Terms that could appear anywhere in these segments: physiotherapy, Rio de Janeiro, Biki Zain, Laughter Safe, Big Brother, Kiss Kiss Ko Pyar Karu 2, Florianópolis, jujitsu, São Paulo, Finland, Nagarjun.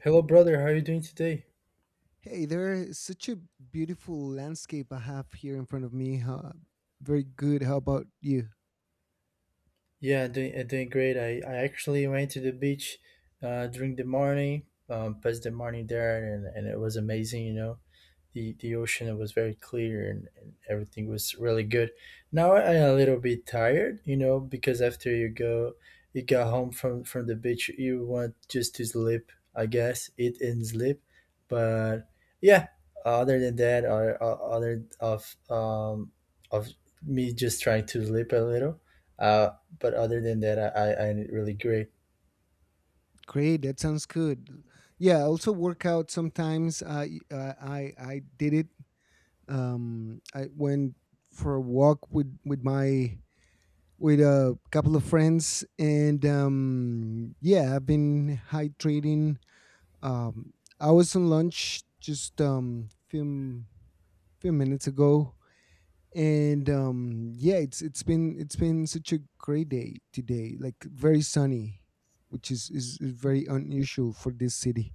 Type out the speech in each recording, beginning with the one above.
Hello, brother. How are you doing today? Hey there, is such a beautiful landscape I have here in front of me. Huh? Very good. How about you? Yeah, I'm doing great. I actually went to the beach during the morning, passed the morning there, and it was amazing. The ocean was very clear, and everything was really good. Now I'm a little bit tired, because after you got home from the beach, you want just to sleep, I guess, eat and sleep. But yeah, other than that, or other of me just trying to sleep a little, uh, but other than that, I really great. Great. That sounds good. Yeah, I also work out sometimes. I did it. I went for a walk with a couple of friends, and yeah, I've been hydrating. Um, I was on lunch just few few minutes ago, and yeah, it's been such a great day today, like very sunny, which is very unusual for this city.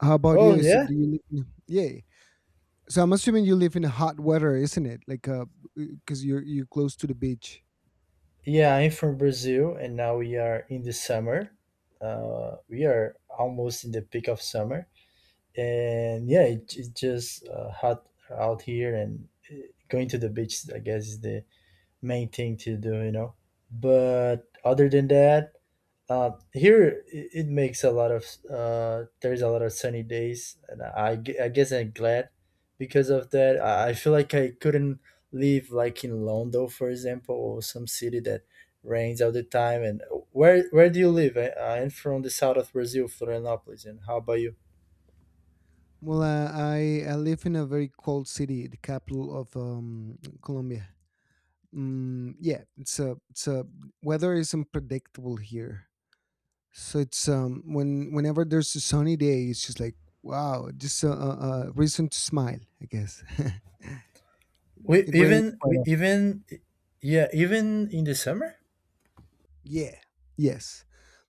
How about Oh you? So yeah. do you live in, yeah, so I'm assuming you live in hot weather, isn't it? Like because you're close to the beach. Yeah, I'm from Brazil, and now we are in the summer. We are almost in the peak of summer, and yeah, it's just hot out here, and going to the beach, I guess, is the main thing to do. But other than that, here it makes a lot of there's a lot of sunny days, and I guess I'm glad because of that. I feel like I couldn't live like in London, for example, or some city that rains all the time. And where do you live? I'm from the south of Brazil, Florianópolis. And how about you? Well, I live in a very cold city, the capital of Colombia. Mm, yeah, it's a weather is unpredictable here. So it's when whenever there's a sunny day, it's just like, wow, just a reason to smile, I guess. We It rains even quite we often. even Yeah, even in the summer. Yeah. Yes.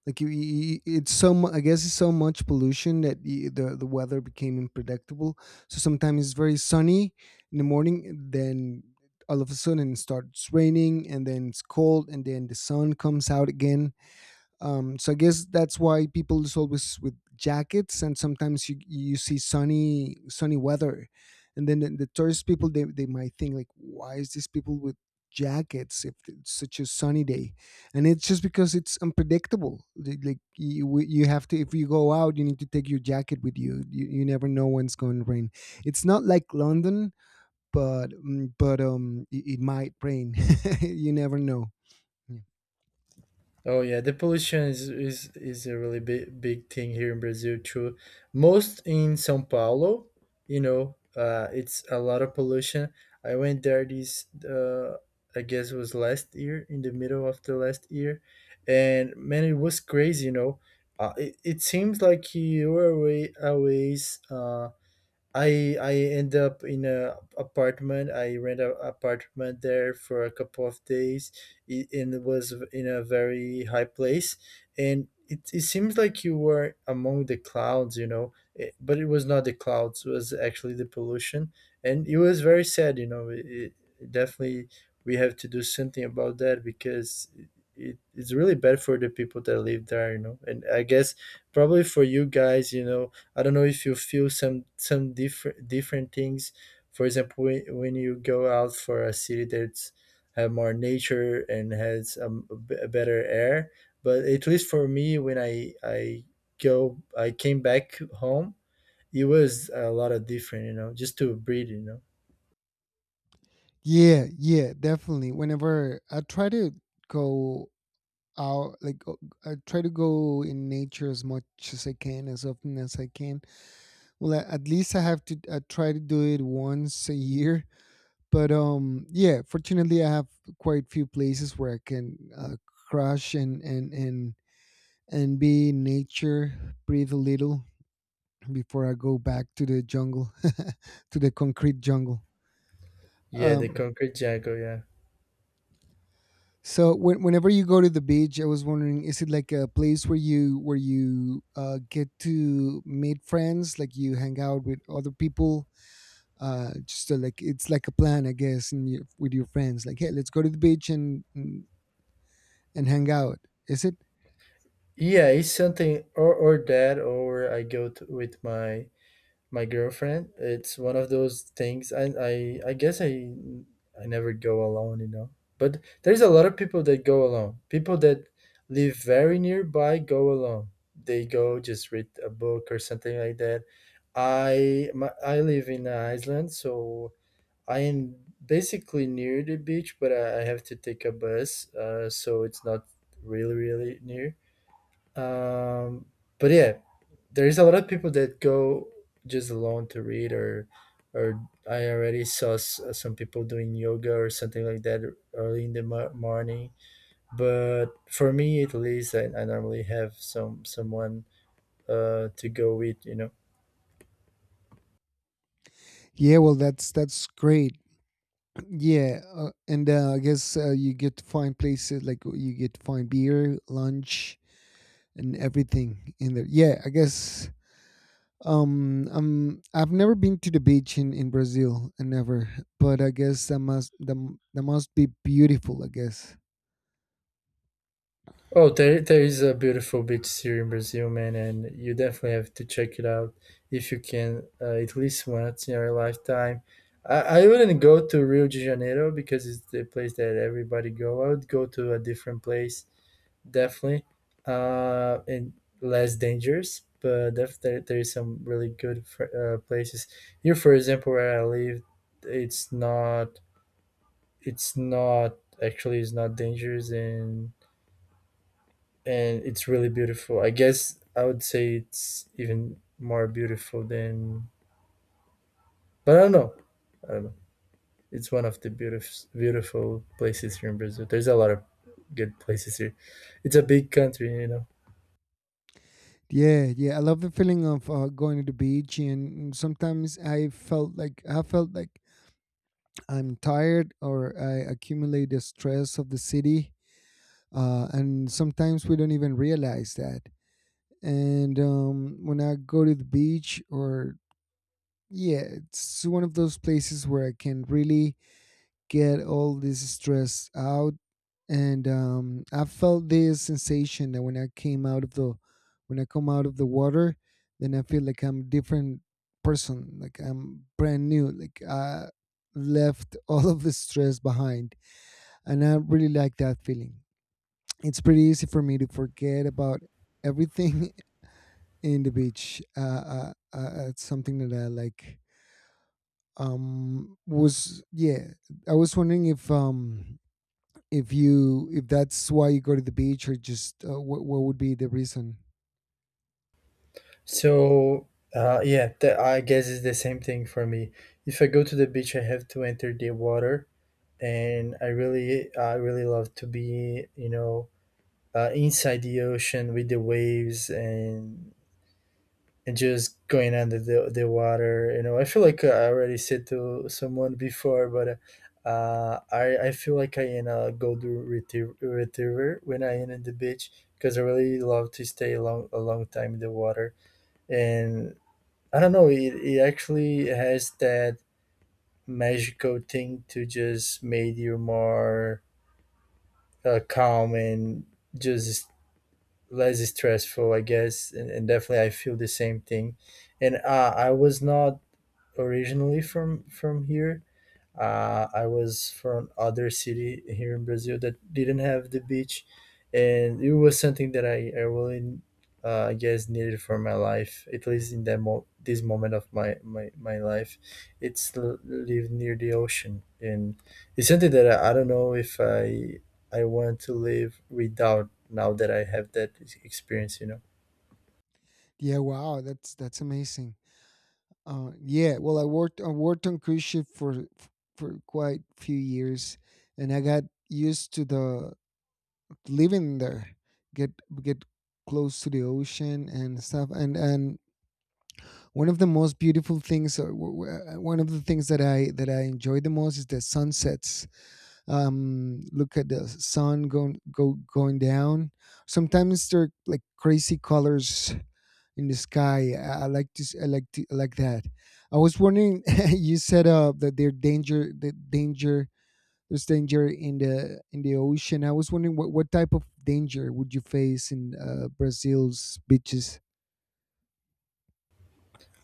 Like, you, it's so. Mu- I guess it's so much pollution that y the weather became unpredictable. So sometimes it's very sunny in the morning, then all of a sudden it starts raining, and then it's cold, and then the sun comes out again. So I guess that's why people is always with jackets, and sometimes you see sunny weather, and then the tourist people, they might think, like, why is these people with jackets if it's such a sunny day? And it's just because it's unpredictable. Like, you have to, if you go out, you need to take your jacket with you. You never know when it's going to rain. It's not like London, but it might rain. You never know. Yeah. Oh yeah, the pollution is a really big big thing here in Brazil too. Most in São Paulo, it's a lot of pollution. I went there I guess it was last year, in the middle of the last year, and man, it was crazy. It seems like you were away a ways. I end up in a apartment. I rent a apartment there for a couple of days, and it was in a very high place. And it seems like you were among the clouds. But it was not the clouds; it was actually the pollution, and it was very sad. It definitely, we have to do something about that, because it's really bad for the people that live there. And I guess probably for you guys, I don't know if you feel some different things. For example, when you go out for a city that's have more nature and has a better air. But at least for me, when I go, I came back home. It was a lot of different, just to breathe. Yeah, yeah, definitely. Whenever I try to go out, like, I try to go in nature as much as I can, as often as I can. Well, at least I have to. I try to do it once a year. But yeah. Fortunately, I have quite few places where I can crash and be in nature, breathe a little before I go back to the jungle, to the concrete jungle. Yeah, the Um, concrete jungle. Yeah, So whenever you go to the beach, I was wondering, is it like a place where you get to meet friends, like you hang out with other people, just to, like, it's like a plan, I guess, and you, with your friends, like, hey, let's go to the beach and and hang out. Is it? yeah, it's something or that, or I go to, with my girlfriend. It's one of those things. I guess I never go alone. But there's a lot of people that go alone. People that live very nearby go alone. They go just read a book or something like that. I live in Iceland, so I am basically near the beach, but I have to take a bus, so it's not really near, um, but yeah, there is a lot of people that go just alone to read, or I already saw some people doing yoga or something like that early in the morning. But for me, at least, I normally have someone to go with. Yeah, well, that's great. Yeah, and I guess you get to find places, like you get to find beer, lunch, and everything in there. Yeah, I guess. I've never been to the beach in Brazil, and never. But I guess that must be beautiful. I guess. Oh, there is a beautiful beach here in Brazil, man, and you definitely have to check it out if you can, at least once in your lifetime. I wouldn't go to Rio de Janeiro because it's the place that everybody go. I would go to a different place, definitely, and less dangerous. But there is some really good places here. For example, where I live, it's not it's not actually it's not dangerous, and it's really beautiful. I guess I would say it's even more beautiful than, but I don't know. I don't know. It's one of the beautiful beautiful places here in Brazil. There's a lot of good places here. It's a big country. Yeah, yeah. I love the feeling of going to the beach, and sometimes I felt like I'm tired, or I accumulate the stress of the city, and sometimes we don't even realize that. And when I go to the beach, or yeah, it's one of those places where I can really get all this stress out. And I felt this sensation that when I come out of the water, then I feel like I'm a different person, like I'm brand new, like I left all of the stress behind. And I really like that feeling. It's pretty easy for me to forget about everything in the beach. It's something that I like. Um, was yeah, I was wondering if you if that's why you go to the beach, or just what would be the reason? So yeah, that I guess it's the same thing for me. If I go to the beach, I have to enter the water, and I really love to be, inside the ocean with the waves, and just going under the water. I feel like I already said to someone before, but I feel like I in a golden retriever when I am in the beach, because I really love to stay a long time in the water. And I don't know, it actually has that magical thing to just make you more calm and just less stressful, I guess. And definitely I feel the same thing. And I was not originally from here. I was from other city here in Brazil that didn't have the beach, and it was something that I really, I guess, needed for my life. At least in that this moment of my life, it's live near the ocean, and it's something that I don't know if I want to live without now that I have that experience. You know. Yeah, wow, that's amazing. Yeah, well, I worked on cruise ship for quite few years, and I got used to the living there, get get close to the ocean and stuff. And one of the most beautiful things, or one of the things that I enjoy the most is the sunsets. Um, look at the sun going down. Sometimes there are, like, crazy colors in the sky. I like to s- I like to I like that. I was wondering, you said that there's danger in the ocean. I was wondering what type of danger would you face in Brazil's beaches.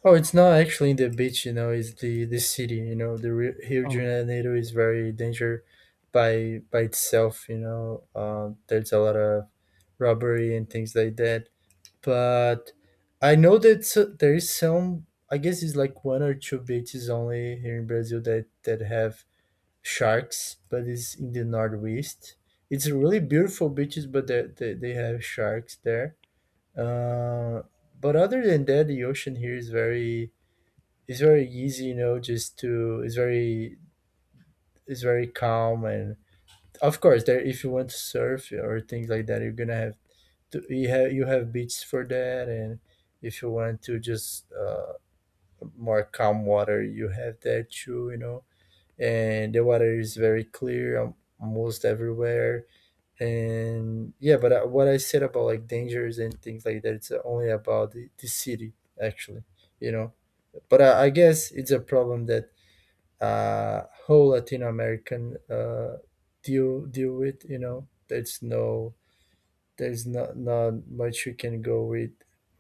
Oh, it's not actually in the beach. It's the city. The Rio de Oh, Janeiro is very dangerous by itself. There's a lot of robbery and things like that. But I know that there is some. I guess it's like one or two beaches only here in Brazil that have sharks, but it's in the northwest. It's really beautiful beaches, but they have sharks there. Uh, but other than that, the ocean here is very it's very easy, you know, just to it's very calm. And of course, there, if you want to surf or things like that, you're gonna have to, you have beaches for that, and if you want to just more calm water, you have that too. And the water is very clear, almost everywhere. And yeah, but what I said about like dangers and things like that, it's only about the city actually, you know. But I guess it's a problem that whole Latin American deal with. There's not much you can go with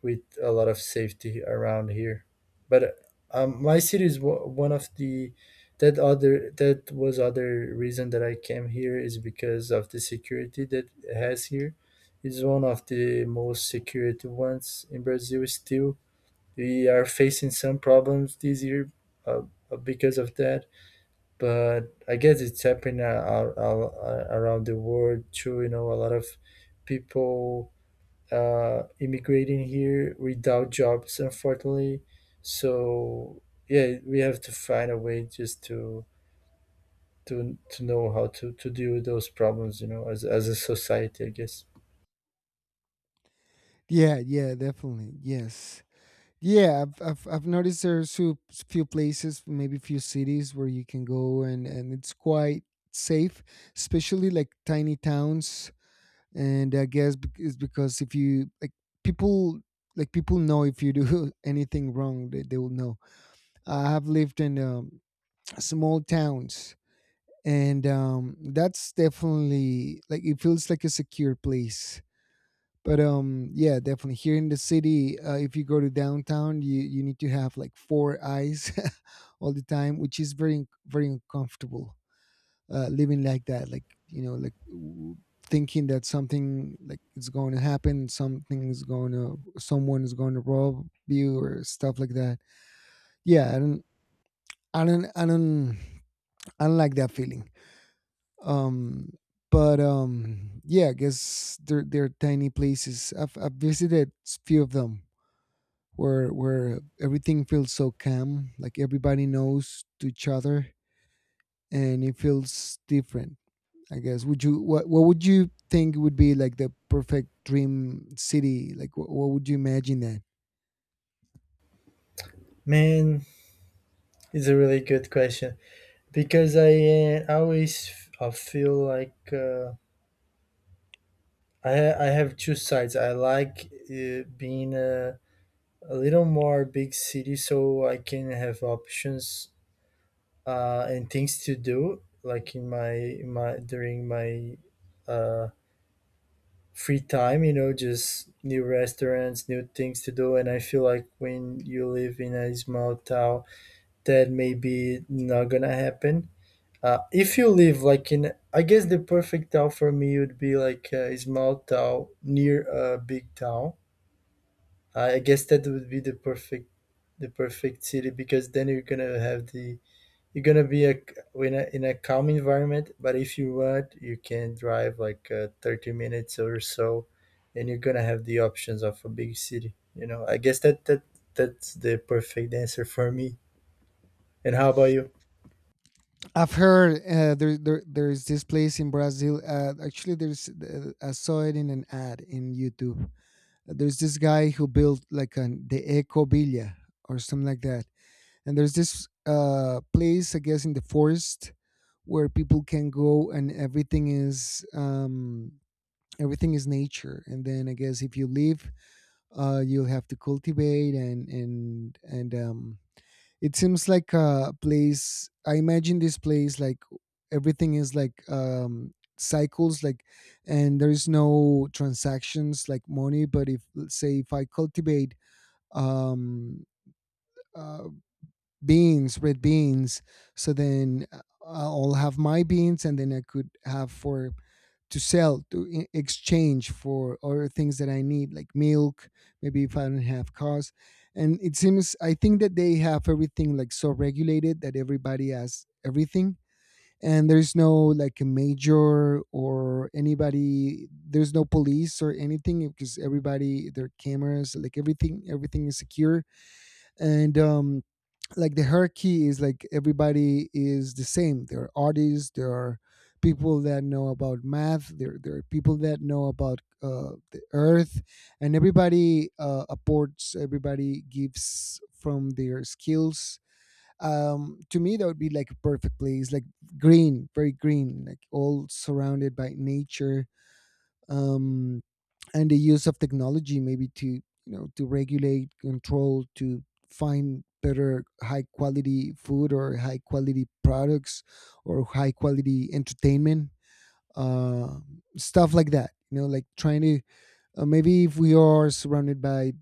with a lot of safety around here. But my city is one of the, that was other reason that I came here, is because of the security that it has here. It's one of the most security ones in Brazil. Still, we are facing some problems this year, uh, because of that, but I guess it's happening around the world too. A lot of people immigrating here without jobs, unfortunately. So yeah, we have to find a way just to know how to deal with those problems. As a society, I guess. yeah, yeah, definitely. Yes. Yeah, I've noticed there's few places, maybe few cities where you can go, and it's quite safe, especially like tiny towns. And I guess it's because, if you, like, people, like, people know if you do anything wrong, they will know. I have lived in small towns, and that's definitely, like, it feels like a secure place. But yeah, definitely, here in the city, if you go to downtown, you need to have like four eyes all the time, which is very, very uncomfortable. Uh, living like that, like, like, thinking that something, like, is going to happen, something is going to, someone is going to rob you or stuff like that. Yeah, i don't i don't I don't like that feeling. Um but um yeah, I guess they're, tiny places I've visited, few of them, where everything feels so calm, like everybody knows to each other, and it feels different. I guess. Would you what would you think would be like the perfect dream city? Like, what would you imagine that? Man, it's a really good question, because I always f- I feel like. I have two sides. I like being a little more big city, so I can have options, and things to do like in my during my uh, free time, just new restaurants, new things to do. And I feel like when you live in a small town, that maybe not gonna happen. If you live like in, I guess the perfect town for me would be like a small town near a big town. I guess that would be the perfect city, because then you're gonna have the you're gonna be in a calm environment. But if you want, you can drive like 30 minutes or so, and you're gonna have the options of a big city. I guess that's the perfect answer for me. And how about you? I've heard, there is this place in Brazil. Actually, there's I saw it in an ad in YouTube. There's this guy who built like an the Eco Villa, or something like that. And there's this place, I guess, in the forest where people can go, and everything is nature. And then, I guess, if you live, you'll have to cultivate, and it seems like a place. I imagine this place like, everything is, like, cycles, like. And there is no transactions like money, but if let's say if I cultivate, um uh beans, red beans. So then, I'll have my beans, and then I could have, for to sell, to exchange for other things that I need, like milk. Maybe if I don't have cars. And it seems, I think, that they have everything, like, so regulated that everybody has everything. And there's no, like, a major or anybody. There's no police or anything because everybody their cameras, like, everything, everything is secure. And like, the hierarchy is, like, everybody is the same. There are artists, there are people that know about math, there are people that know about the earth, and everybody, apports, everybody gives from their skills. To me, that would be like a perfect place, like green, very green, like all surrounded by nature. Um, and the use of technology, maybe to, to regulate, control, to find better high quality food, or high quality products, or high quality entertainment, uh, stuff like that, you know, like, trying to, maybe if we are surrounded by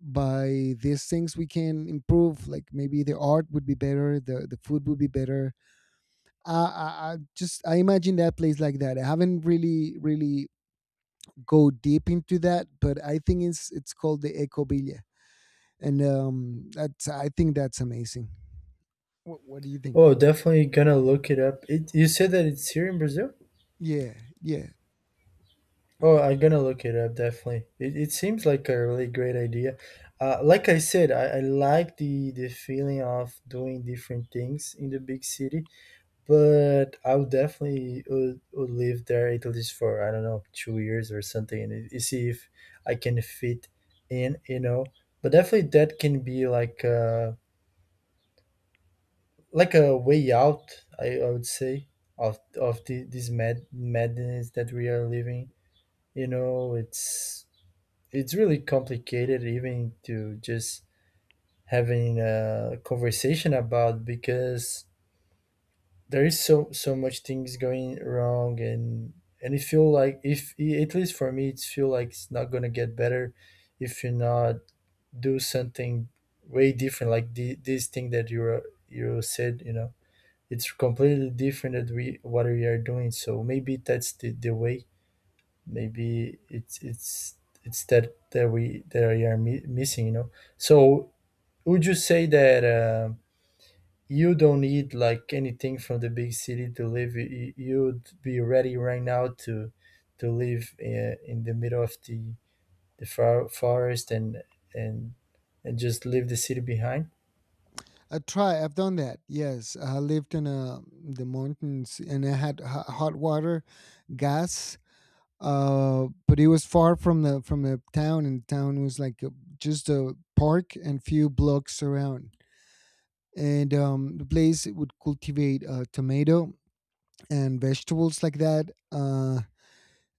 by these things, we can improve. Like, maybe the art would be better, the food would be better. I imagine that place like that. I haven't really really go deep into that, but I think it's called the Ecobilia, and that's, I think, that's amazing. What do you think? Oh, definitely gonna look it up. You said that it's here in Brazil. Yeah, yeah. Oh, I'm gonna look it up definitely. It seems like a really great idea. Like I said, I like the feeling of doing different things in the big city, but I would definitely would live there at least for I don't know 2 years or something, and see if I can fit in. But definitely that can be like a way out. I would say of this madness that we are living. You know, it's really complicated even to just having a conversation about, because there is so much things going wrong, and it feel like, if at least for me, it feel like it's not gonna get better if you not do something way different, like this thing that you said. It's completely different that we what we are doing. So maybe that's the way. Maybe it's that we are missing. So would you say that you don't need like anything from the big city to live. You'd be ready right now to live, in the middle of the forest, and and just leave the city behind? I try. I've done that. Yes, I lived in the mountains, and I had hot water, gas. But it was far from the town, and the town was like just a park and few blocks around. And the place would cultivate tomato and vegetables like that.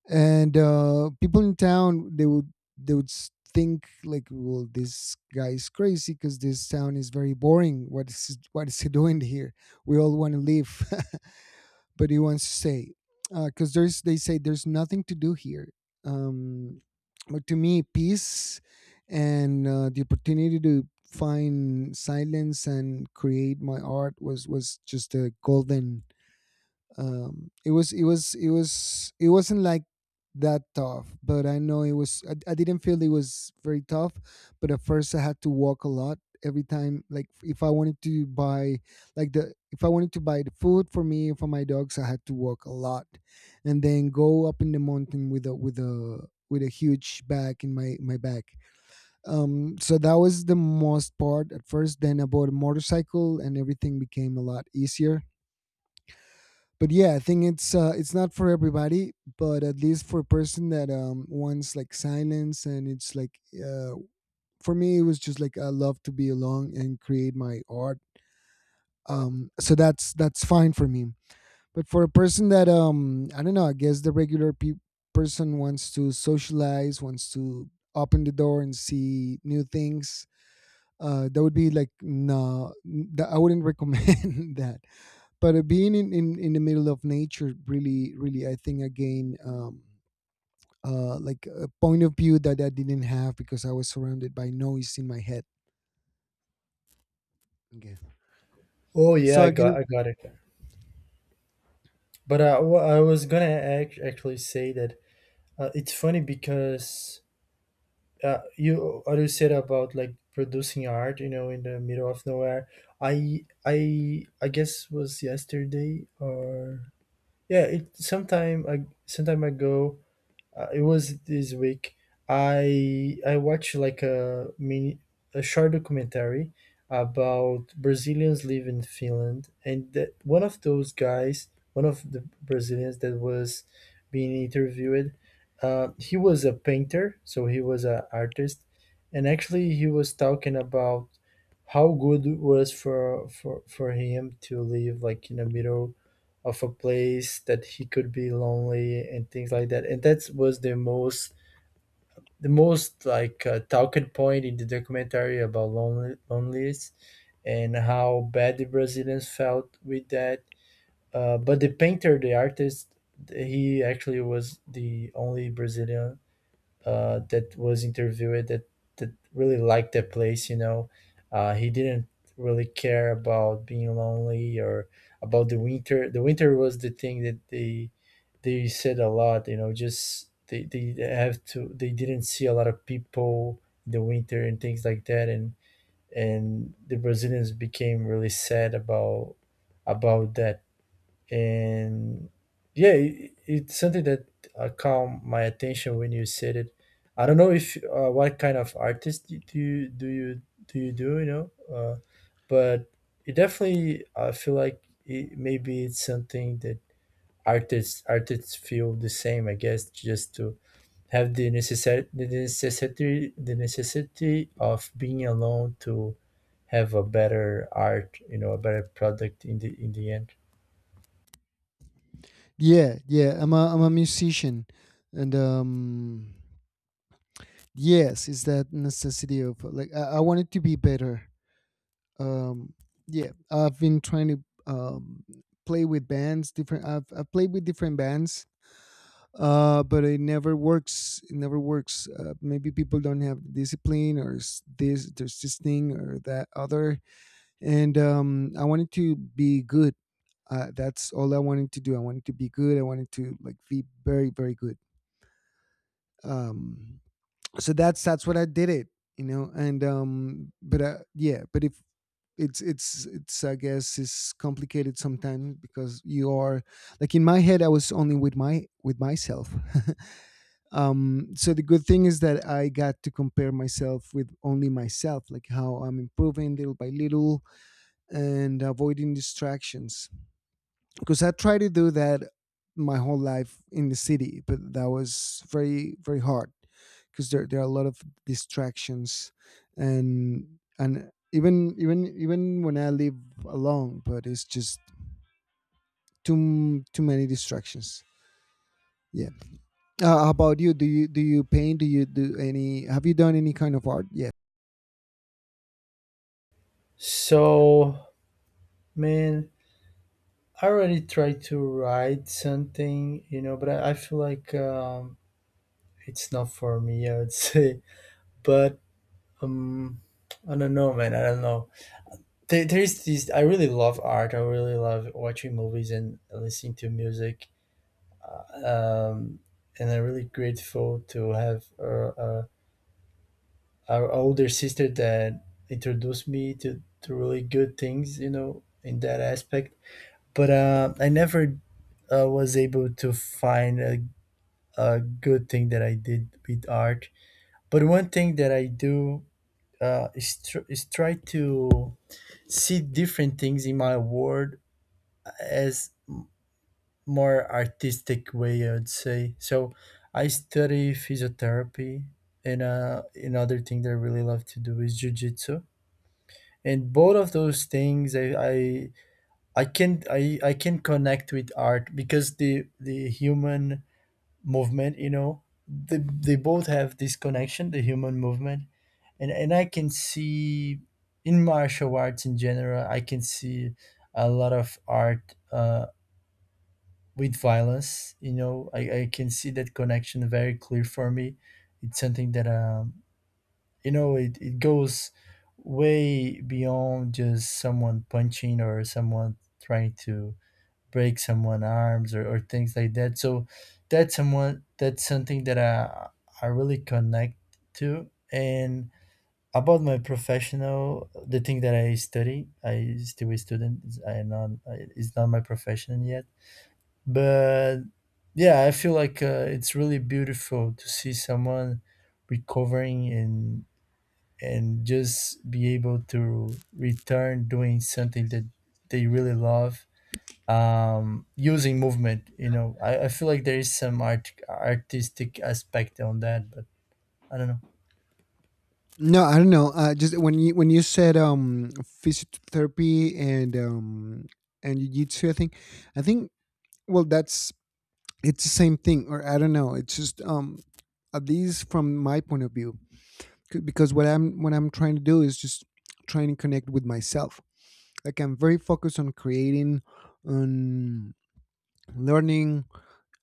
And people in town, they would think like, well, this guy is crazy because this town is very boring. What is he doing here? We all want to leave. But he wants to stay because there's they say there's nothing to do here. um, but to me, peace and the opportunity to find silence and create my art was just a golden. It wasn't like that tough, but I know it was. I didn't feel it was very tough. But at first, I had to walk a lot every time. Like, if I wanted to buy, like, the if I wanted to buy the food for me and for my dogs, I had to walk a lot and then go up in the mountain with a huge bag in my back. So that was the most part at first. Then I bought a motorcycle and everything became a lot easier. But yeah, I think it's not for everybody, but at least for a person that, wants like silence, and it's like, for me, it was just like, I love to be alone and create my art. So that's fine for me. But for a person that, I don't know, I guess the regular person wants to socialize, wants to open the door and see new things. That would be like, no, I wouldn't recommend that. But being in the middle of nature, really, really, I think, again, like a point of view that I didn't have because I was surrounded by noise in my head. Okay. Oh yeah, So i I guess. got i got it. But I was gonna actually say that, it's funny because, you what you said about like producing art, in the middle of nowhere. I guess was yesterday, or yeah, it sometime, I sometime ago. It was this week. I watched like a short documentary about Brazilians living in Finland, and that one of those guys, one of the Brazilians that was being interviewed, he was a painter, so he was an artist. And actually he was talking about how good it was for him to live like in a middle of a place that he could be lonely and things like that. And that was the most like, talking point in the documentary about lonely, loneliness and how bad the Brazilians felt with that. But the painter, the artist, he actually was the only Brazilian, that was interviewed, that that really liked the place. You know, he didn't really care about being lonely or about the winter. The winter was the thing that they said a lot. You know, just they have to they didn't see a lot of people in the winter and things like that, and the Brazilians became really sad about that. And yeah, it's something that caught my attention when you said it. I don't know. If uh, what kind of artist do you do you do you do you know? But it definitely, I feel like maybe it's something that artists feel the same, I guess, just to have the necessity of being alone to have a better art, a better product in the end. Yeah, yeah, I'm a, I'm a musician. And Yes, it's that necessity of like, I wanted to be better. um yeah, I've been trying to, um play with bands different. I've played with different bands. But it never works. It never works. Maybe people don't have discipline, or s- this there's this thing or that other. And I wanted to be good. That's all I wanted to do. I wanted to be good. I wanted to like be very, very good. Um, so that's what I did it. You know, and but yeah, but if it's, I guess, it's complicated sometimes because you are, like, in my head, I was only with my, with myself. So the good thing is that I got to compare myself with only myself, like how I'm improving little by little and avoiding distractions. Because I try to do that my whole life in the city, but that was very, very hard because there are a lot of distractions. And and even when I live alone, but it's just too many distractions. Yeah. How about you? Do you paint? Do you do any? Have you done any kind of art yet? So, man, I already tried to write something, you know, but I feel like it's not for me, I would say. But um, I don't know, man. I don't know. There's this. I really love art. I really love watching movies and listening to music. Um, and I'm really grateful to have our older sister that introduced me to really good things, you know, in that aspect. But I never was able to find a good thing that I did with art. But one thing that I do, is try to see different things in my world as more artistic way, I would say. So I study physiotherapy, and another thing that I really love to do is jujitsu. And both of those things, I can connect with art because the human movement, you know, they both have this connection, the human movement. And I can see, in martial arts in general, I can see a lot of art, with violence. You know, I can see that connection very clear. For me, it's something that, you know, it goes way beyond just someone punching, or someone trying to break someone' arms, or things like that. So that's something that I really connect to. And about my professional, the thing that I study, I still a student. I am not. It's not my profession yet. But yeah, I feel like, it's really beautiful to see someone recovering and just be able to return doing something that they really love, using movement. You know, I feel like there is some artistic aspect on that. But I don't know. No, I don't know. Just when you said, physiotherapy and jiu-jitsu, I think, I think, well, that's, it's the same thing, or I don't know. It's just, at least from my point of view, because what I'm, what I'm trying to do is just trying to connect with myself. Like, I'm very focused on creating, on learning.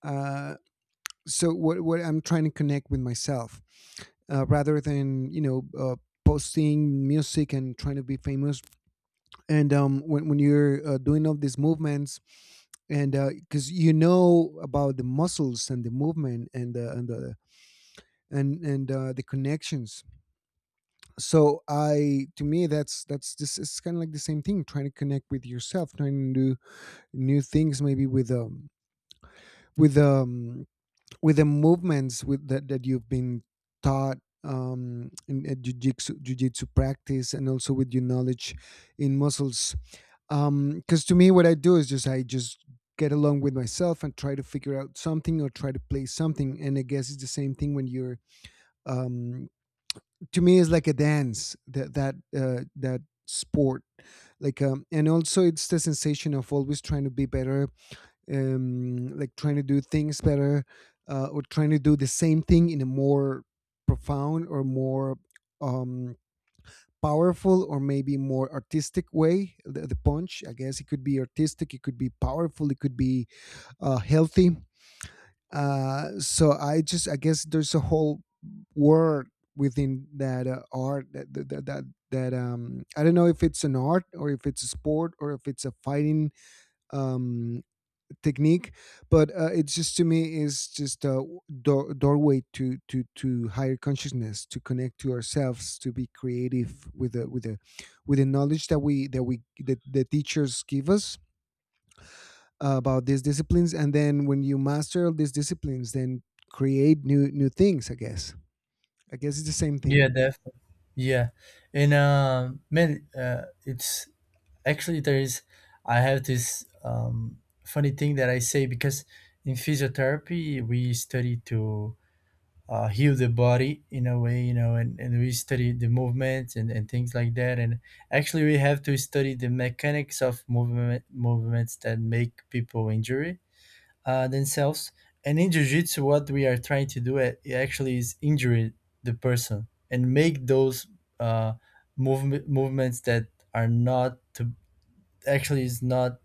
Uh, so what I'm trying to connect with myself, rather than, you know, posting music and trying to be famous. And when when you're doing all these movements, and because you know about the muscles and the movement and the and the and the connections. So I, to me, that's, this is kind of like the same thing. Trying to connect with yourself, trying to do new things, maybe with with um with the movements with that you've been taught, in jiu-jitsu practice, and also with your knowledge in muscles. Um because to me, what I do is just, I just get along with myself and try to figure out something or try to play something. And I guess it's the same thing when you're, um to me, it's like a dance, that sport. Like, and also it's the sensation of always trying to be better, like trying to do things better, or trying to do the same thing in a more profound or more, um, powerful or maybe more artistic way. The the punch, I guess, it could be artistic, it could be powerful, it could be healthy. So I just, I guess, there's a whole world within that, art, that that, that that that I don't know if it's an art or if it's a sport or if it's a fighting, um technique. But it's just, to me, is just a doorway to higher consciousness, to connect to ourselves, to be creative with the with the with the knowledge that we that we that the teachers give us about these disciplines. And then when you master all these disciplines, then create new things, I guess. I guess it's the same Yeah, thing. definitely. Yeah. And man, it's actually there is. I have this funny thing that I say, because in physiotherapy we study to, heal the body in a way, you know, and we study the movements, and things like that. And actually, we have to study the mechanics of movements that make people injury themselves. And in jiu-jitsu, what we are trying to do, it actually is injure the person and make those, uh, movements that are not to actually is not,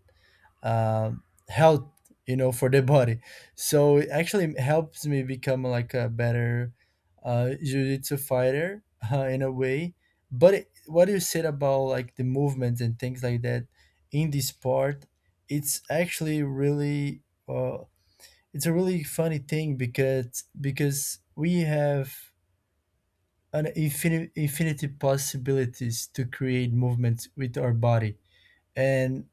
uh, health, you know, for the body. So it actually helps me become like a better, jiu-jitsu fighter, in a way. But it, what you said about like the movements and things like that in this sport, it's actually really, uh, it's a really funny thing, because we have an infinite infinity possibilities to create movements with our body. And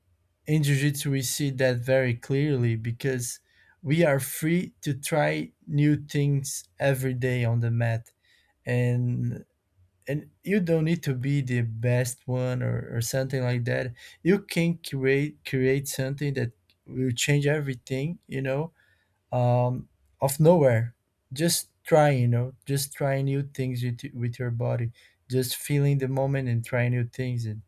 in jiu-jitsu we see that very clearly, because we are free to try new things every day on the mat, and and you don't need to be the best one, or something like that. You can create something that will change everything you know um, of nowhere. Just trying, you know, just trying new things with your body, just feeling the moment and trying new things. And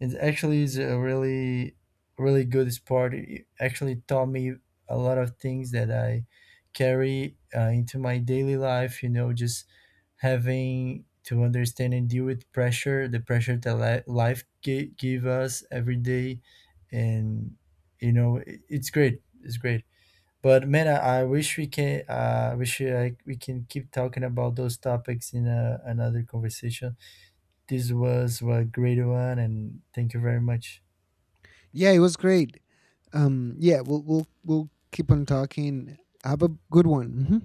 it actually is a really, really good sport. It actually taught me a lot of things that I carry, into my daily life, you know, just having to understand and deal with pressure, the pressure that life give us every day. And, you know, it's great. It's great. But man, I wish we can. I wish we can keep talking about those topics in another conversation. This was a great one, and thank you very much. Yeah, it was great. Yeah, we'll keep on talking. Have a good one. Hmm.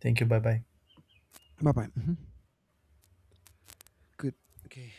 Thank you. Bye bye. Bye bye. Hmm. Good. Okay.